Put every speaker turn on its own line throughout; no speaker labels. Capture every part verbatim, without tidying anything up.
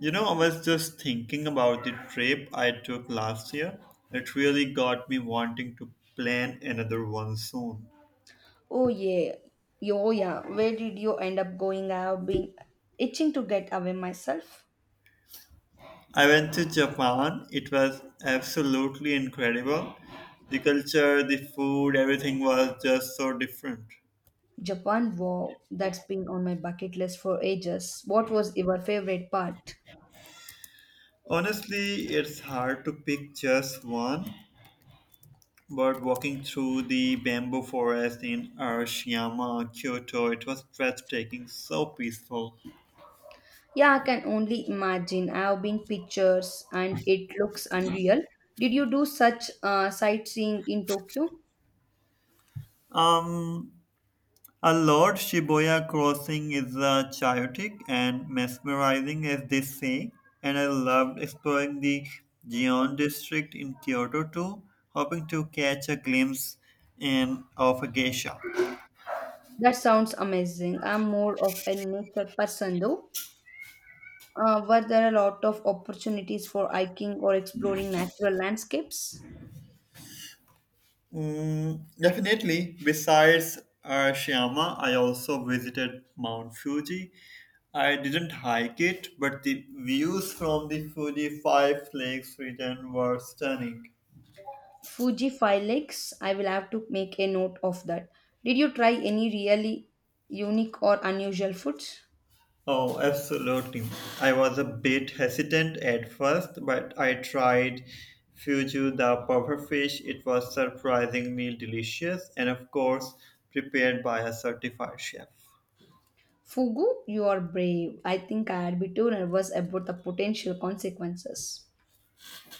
You know, I was just thinking about the trip I took last year. It really got me wanting to plan another one soon.
Oh yeah, yo yeah. Where did you end up going? I've been itching to get away myself.
I went to Japan. It was absolutely incredible. The culture, the food, everything was just so different.
Japan, wow, that's been on my bucket list for ages. What was your favorite part?
Honestly, it's hard to pick just one, but walking through the bamboo forest in Arashiyama, Kyoto, it was breathtaking, so peaceful.
Yeah, I can only imagine. I've been pictures and it looks unreal. Did you do such uh, sightseeing in Tokyo?
Um, A Lord Shibuya crossing is uh, chaotic and mesmerizing, as they say, and I loved exploring the Gion district in Kyoto too, hoping to catch a glimpse in, of a geisha.
That sounds amazing. I'm more of a nature person though. Uh, were there a lot of opportunities for hiking or exploring natural landscapes?
Mm, definitely. Besides Arashiyama, I also visited Mount Fuji. I didn't hike it, but the views from the Fuji Five Lakes region were stunning.
Fuji Filix, I will have to make a note of that. Did you try any really unique or unusual foods?
Oh, absolutely. I was a bit hesitant at first, but I tried Fuju the puffer fish. It was surprisingly delicious and, of course, prepared by a certified chef.
Fugu, you are brave. I think I'd be too nervous about the potential consequences.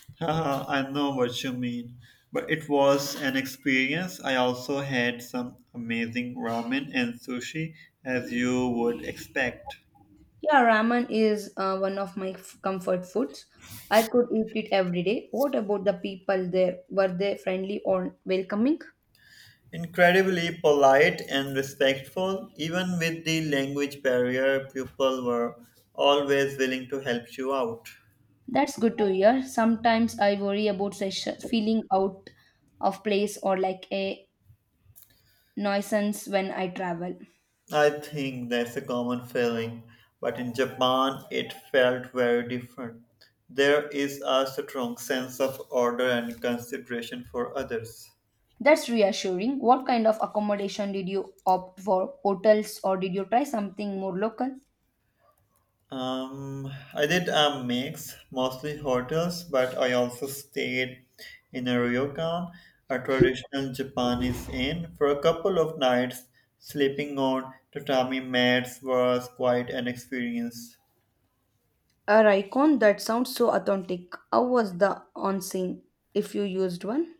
Haha, I know what you mean, but it was an experience. I also had some amazing ramen and sushi, as you would expect.
Yeah, ramen is uh, one of my f- comfort foods. I could eat it every day. What about the people there? Were they friendly or welcoming?
Incredibly polite and respectful, even with the language barrier, people were always willing to help you out.
That's good to hear. Sometimes I worry about sesh- feeling out of place or like a nuisance when I travel.
I think that's a common feeling, but in Japan it felt very different. There is a strong sense of order and consideration for others.
That's reassuring. What kind of accommodation did you opt for? Hotels or did you try something more local?
Um, I did a mix, mostly hotels, but I also stayed in a ryokan, a traditional Japanese inn, for a couple of nights. Sleeping on tatami mats was quite an experience.
A Raikon, that sounds so authentic. How was the onsen if you used one?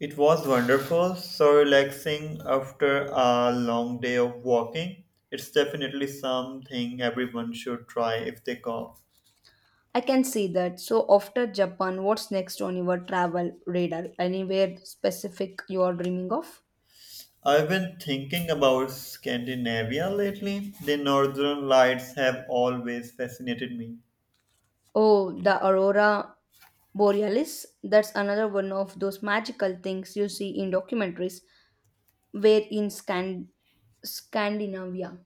It was wonderful, so relaxing after a long day of walking. It's definitely something everyone should try if they go.
I can see that. So after Japan, what's next on your travel radar? Anywhere specific you are dreaming of?
I've been thinking about Scandinavia lately. The northern lights have always fascinated me.
Oh, the Aurora Borealis. That's another one of those magical things you see in documentaries where in Scan- Scandinavia.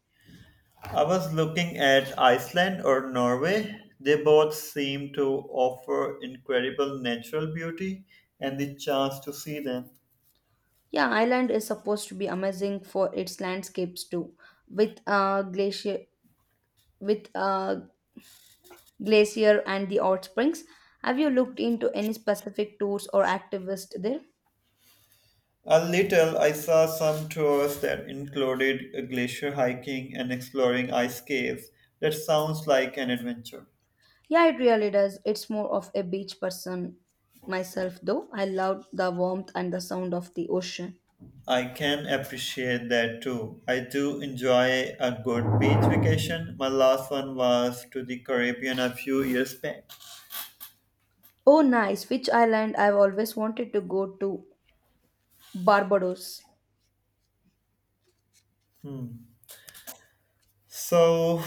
I was looking at Iceland or Norway. They both seem to offer incredible natural beauty and the chance to see them.
Yeah, Ireland is supposed to be amazing for its landscapes too, with uh, glacier with uh, glacier and the hot springs. Have you looked into any specific tours or activists there?
A little, I saw some tours that included glacier hiking and exploring ice caves. That sounds like an adventure.
Yeah, it really does. It's more of a beach person myself though. I love the warmth and the sound of the ocean.
I can appreciate that too. I do enjoy a good beach vacation. My last one was to the Caribbean a few years back.
Oh nice, which island I've always wanted to go to? Barbados.
Hmm. So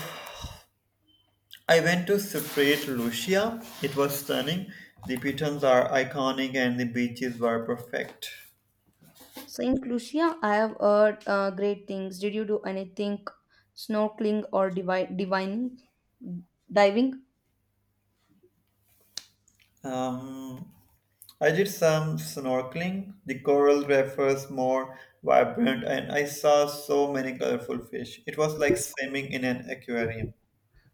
I went to saint Lucia. It was stunning. The pitons are iconic and the beaches were perfect.
Saint Lucia, I have heard uh, great things. Did you do anything snorkeling or divi- divining, diving?
Um, I did some snorkeling. The coral reef was more vibrant and I saw so many colorful fish. It was like swimming in an aquarium.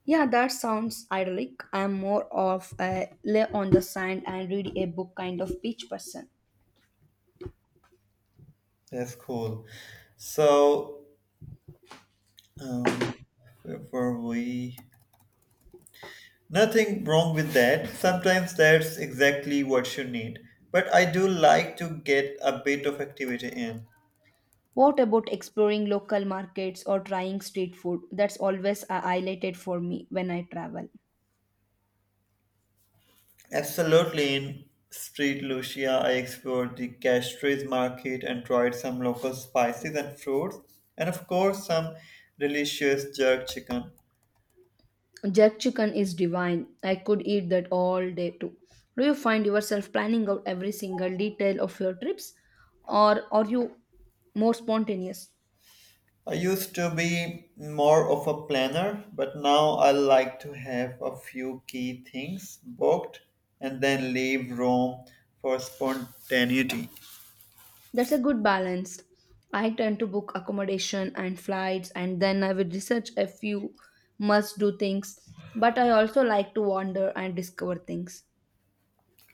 Yeah, that sounds idyllic. I'm more of a lay on the sand and read a book kind of beach person.
That's cool. So, um, where were we? Nothing wrong with that. Sometimes that's exactly what you need. But I do like to get a bit of activity in.
What about exploring local markets or trying street food? That's always a highlighted for me when I travel.
Absolutely, in Street Lucia, I explored the Castries market and tried some local spices and fruits, and of course, some delicious jerk chicken.
Jerk chicken is divine. I could eat that all day too. Do you find yourself planning out every single detail of your trips or are you more spontaneous?
I used to be more of a planner, but now I like to have a few key things booked and then leave room for spontaneity.
That's a good balance. I tend to book accommodation and flights and then I will research a few must do things, but I also like to wander and discover things.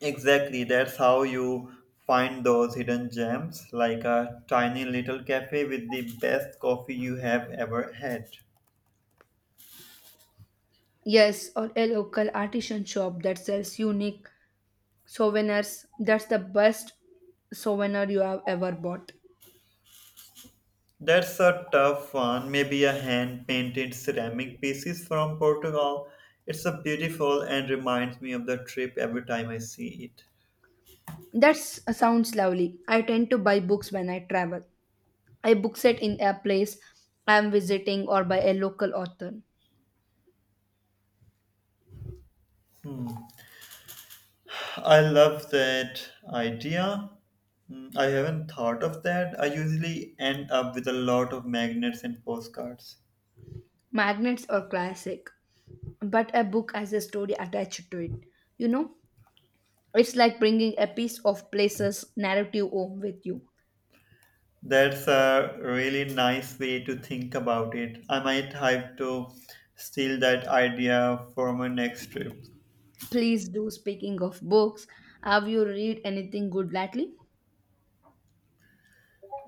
Exactly, that's how you find those hidden gems, like a tiny little cafe with the best coffee you have ever had.
Yes, or a local artisan shop that sells unique souvenirs. That's the best souvenir you have ever bought.
That's a tough one. Maybe a hand painted ceramic pieces from Portugal. It's a beautiful and reminds me of the trip every time I see it.
That sounds lovely. I tend to buy books when I travel. I book set in a place I am visiting or by a local author.
I love that idea. Mm, I haven't thought of that. I usually end up with a lot of magnets and postcards.
Magnets or classic, but a book has a story attached to it. You know, it's like bringing a piece of place's narrative home with you.
That's a really nice way to think about it. I might have to steal that idea for my next trip.
Please do. Speaking of books, have you read anything good lately?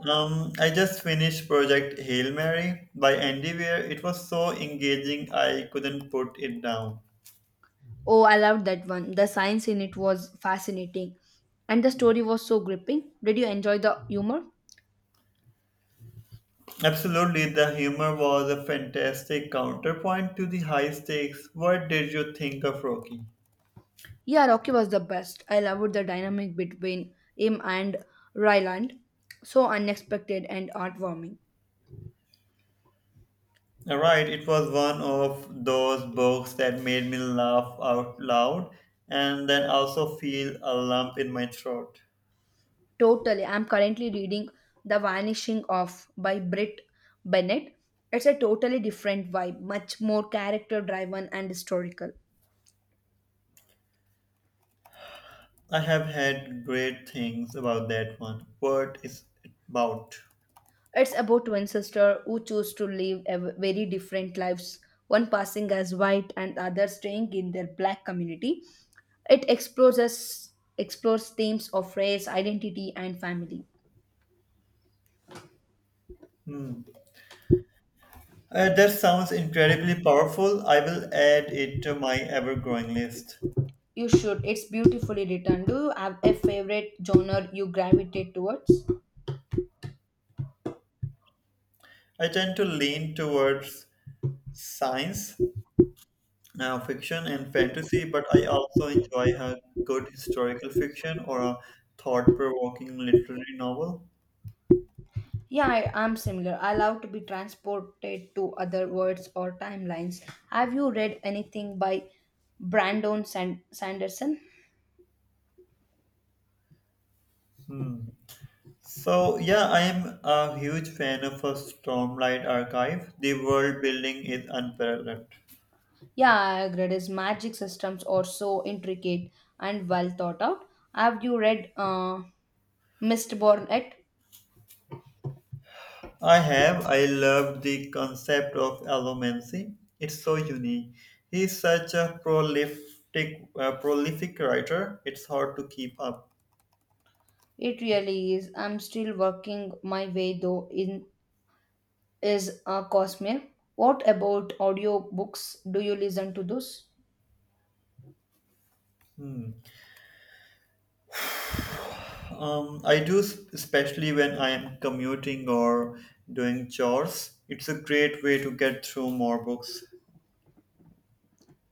Um, I just finished Project Hail Mary by Andy Weir. It was so engaging, I couldn't put it down.
Oh, I loved that one. The science in it was fascinating, and the story was so gripping. Did you enjoy the humor?
Absolutely, the humor was a fantastic counterpoint to the high stakes. What did you think of Rocky?
Yeah, Rocky was the best. I loved the dynamic between him and Ryland. So unexpected and heartwarming.
Alright, it was one of those books that made me laugh out loud and then also feel a lump in my throat.
Totally. I'm currently reading The Vanishing of by Britt Bennett. It's a totally different vibe, much more character driven and historical.
I have had great things about that one. What is it about?
It's about twin sisters who choose to live a v- very different lives, one passing as white and other staying in their black community. It explores explores themes of race, identity, and family.
Hmm. Uh, that sounds incredibly powerful. I will add it to my ever growing list.
You should. It's beautifully written. Do you have a favorite genre you gravitate towards?
I tend to lean towards science uh, fiction and fantasy, but I also enjoy a good historical fiction or a thought-provoking literary novel.
Yeah, I am similar. I love to be transported to other worlds or timelines. Have you read anything by Brandon San- Sanderson?
Hmm. So yeah, I am a huge fan of a Stormlight Archive. The world building is unparalleled.
Yeah, I agree. His magic systems are so intricate and well thought out. Have you read uh, Mistborn yet?
I have. I love the concept of allomancy. It's so unique. He's such a prolific, uh, prolific writer. It's hard to keep up.
It really is. I'm still working my way though in is uh, Cosmere. What about audiobooks? Do you listen to those?
Hmm. Um, I do, s- especially when I am commuting or doing chores. It's a great way to get through more books.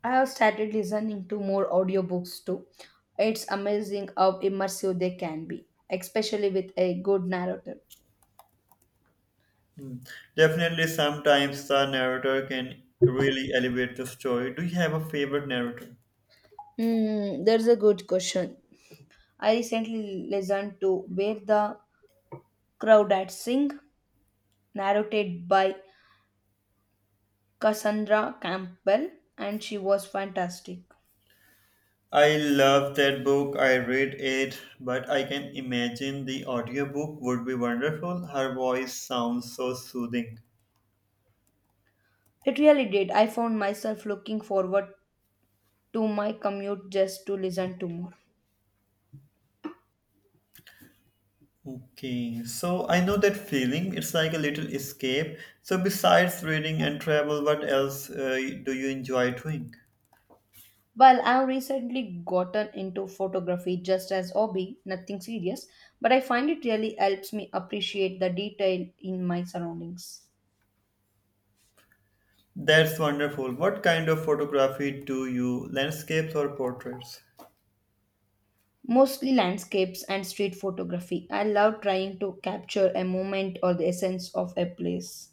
I have started listening to more audiobooks too. It's amazing how immersive they can be, especially with a good narrator.
Hmm. Definitely, sometimes the narrator can really elevate the story. Do you have a favorite narrator?
Hmm, there's a good question. I recently listened to Where the Crowd at Sing, narrated by Cassandra Campbell, and she was fantastic.
I love that book. I read it, but I can imagine the audiobook would be wonderful. Her voice sounds so soothing.
It really did. I found myself looking forward to my commute just to listen to more.
Okay, so I know that feeling. It's like a little escape. So, besides reading and travel, what else uh, do you enjoy doing?
Well, I've recently gotten into photography just as hobby, nothing serious, but I find it really helps me appreciate the detail in my surroundings.
That's wonderful. What kind of photography do you, landscapes or portraits?
Mostly landscapes and street photography. I love trying to capture a moment or the essence of a place.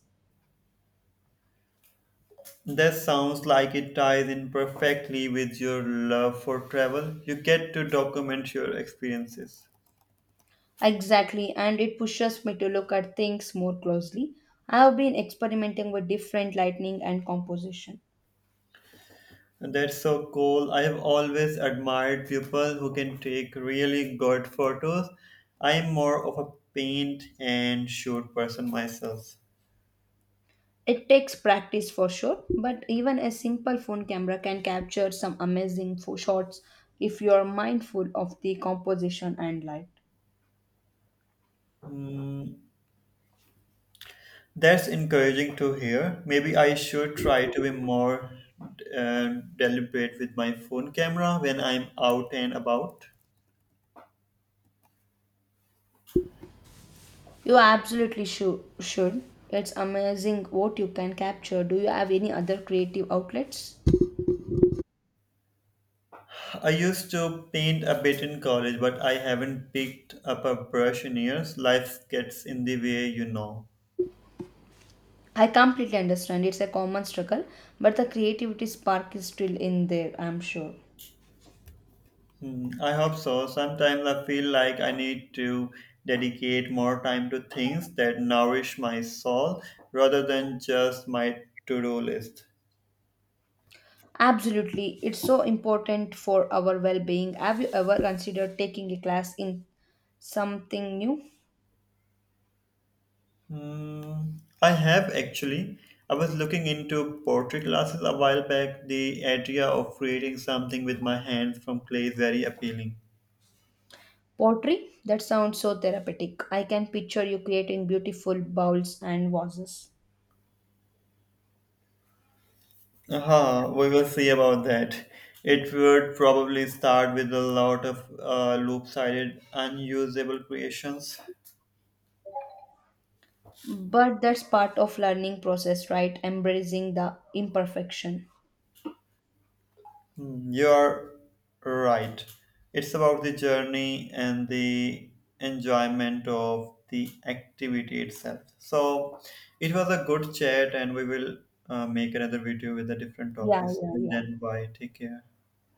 That sounds like it ties in perfectly with your love for travel. You get to document your experiences.
Exactly, and it pushes me to look at things more closely. I have been experimenting with different lighting and composition.
That's so cool. I have always admired people who can take really good photos. I'm more of a paint and shoot person myself.
It takes practice for sure, but even a simple phone camera can capture some amazing fo- shots if you are mindful of the composition and light.
Hmm, that's encouraging to hear. Maybe I should try to be more uh, deliberate with my phone camera when I'm out and about.
You absolutely shou- should. It's amazing what you can capture. Do you have any other creative outlets?
I used to paint a bit in college, but I haven't picked up a brush in years. Life gets in the way, you know.
I completely understand. It's a common struggle, but the creativity spark is still in there, I'm sure.
Hmm, I hope so. Sometimes I feel like I need to dedicate more time to things that nourish my soul rather than just my to do list.
Absolutely. It's so important for our well being. Have you ever considered taking a class in something new?
Hmm, I have actually. I was looking into pottery classes a while back. The idea of creating something with my hands from clay is very appealing.
Pottery? That sounds so therapeutic. I can picture you creating beautiful bowls and vases.
Aha, we will see about that. It would probably start with a lot of uh, loop-sided, unusable creations.
But that's part of learning process, right? Embracing the imperfection.
Mm, you're right. It's about the journey and the enjoyment of the activity itself. So it was a good chat, and we will uh, make another video with the different
Yeah,
topics.
yeah,
Till
yeah.
then, bye. Take care.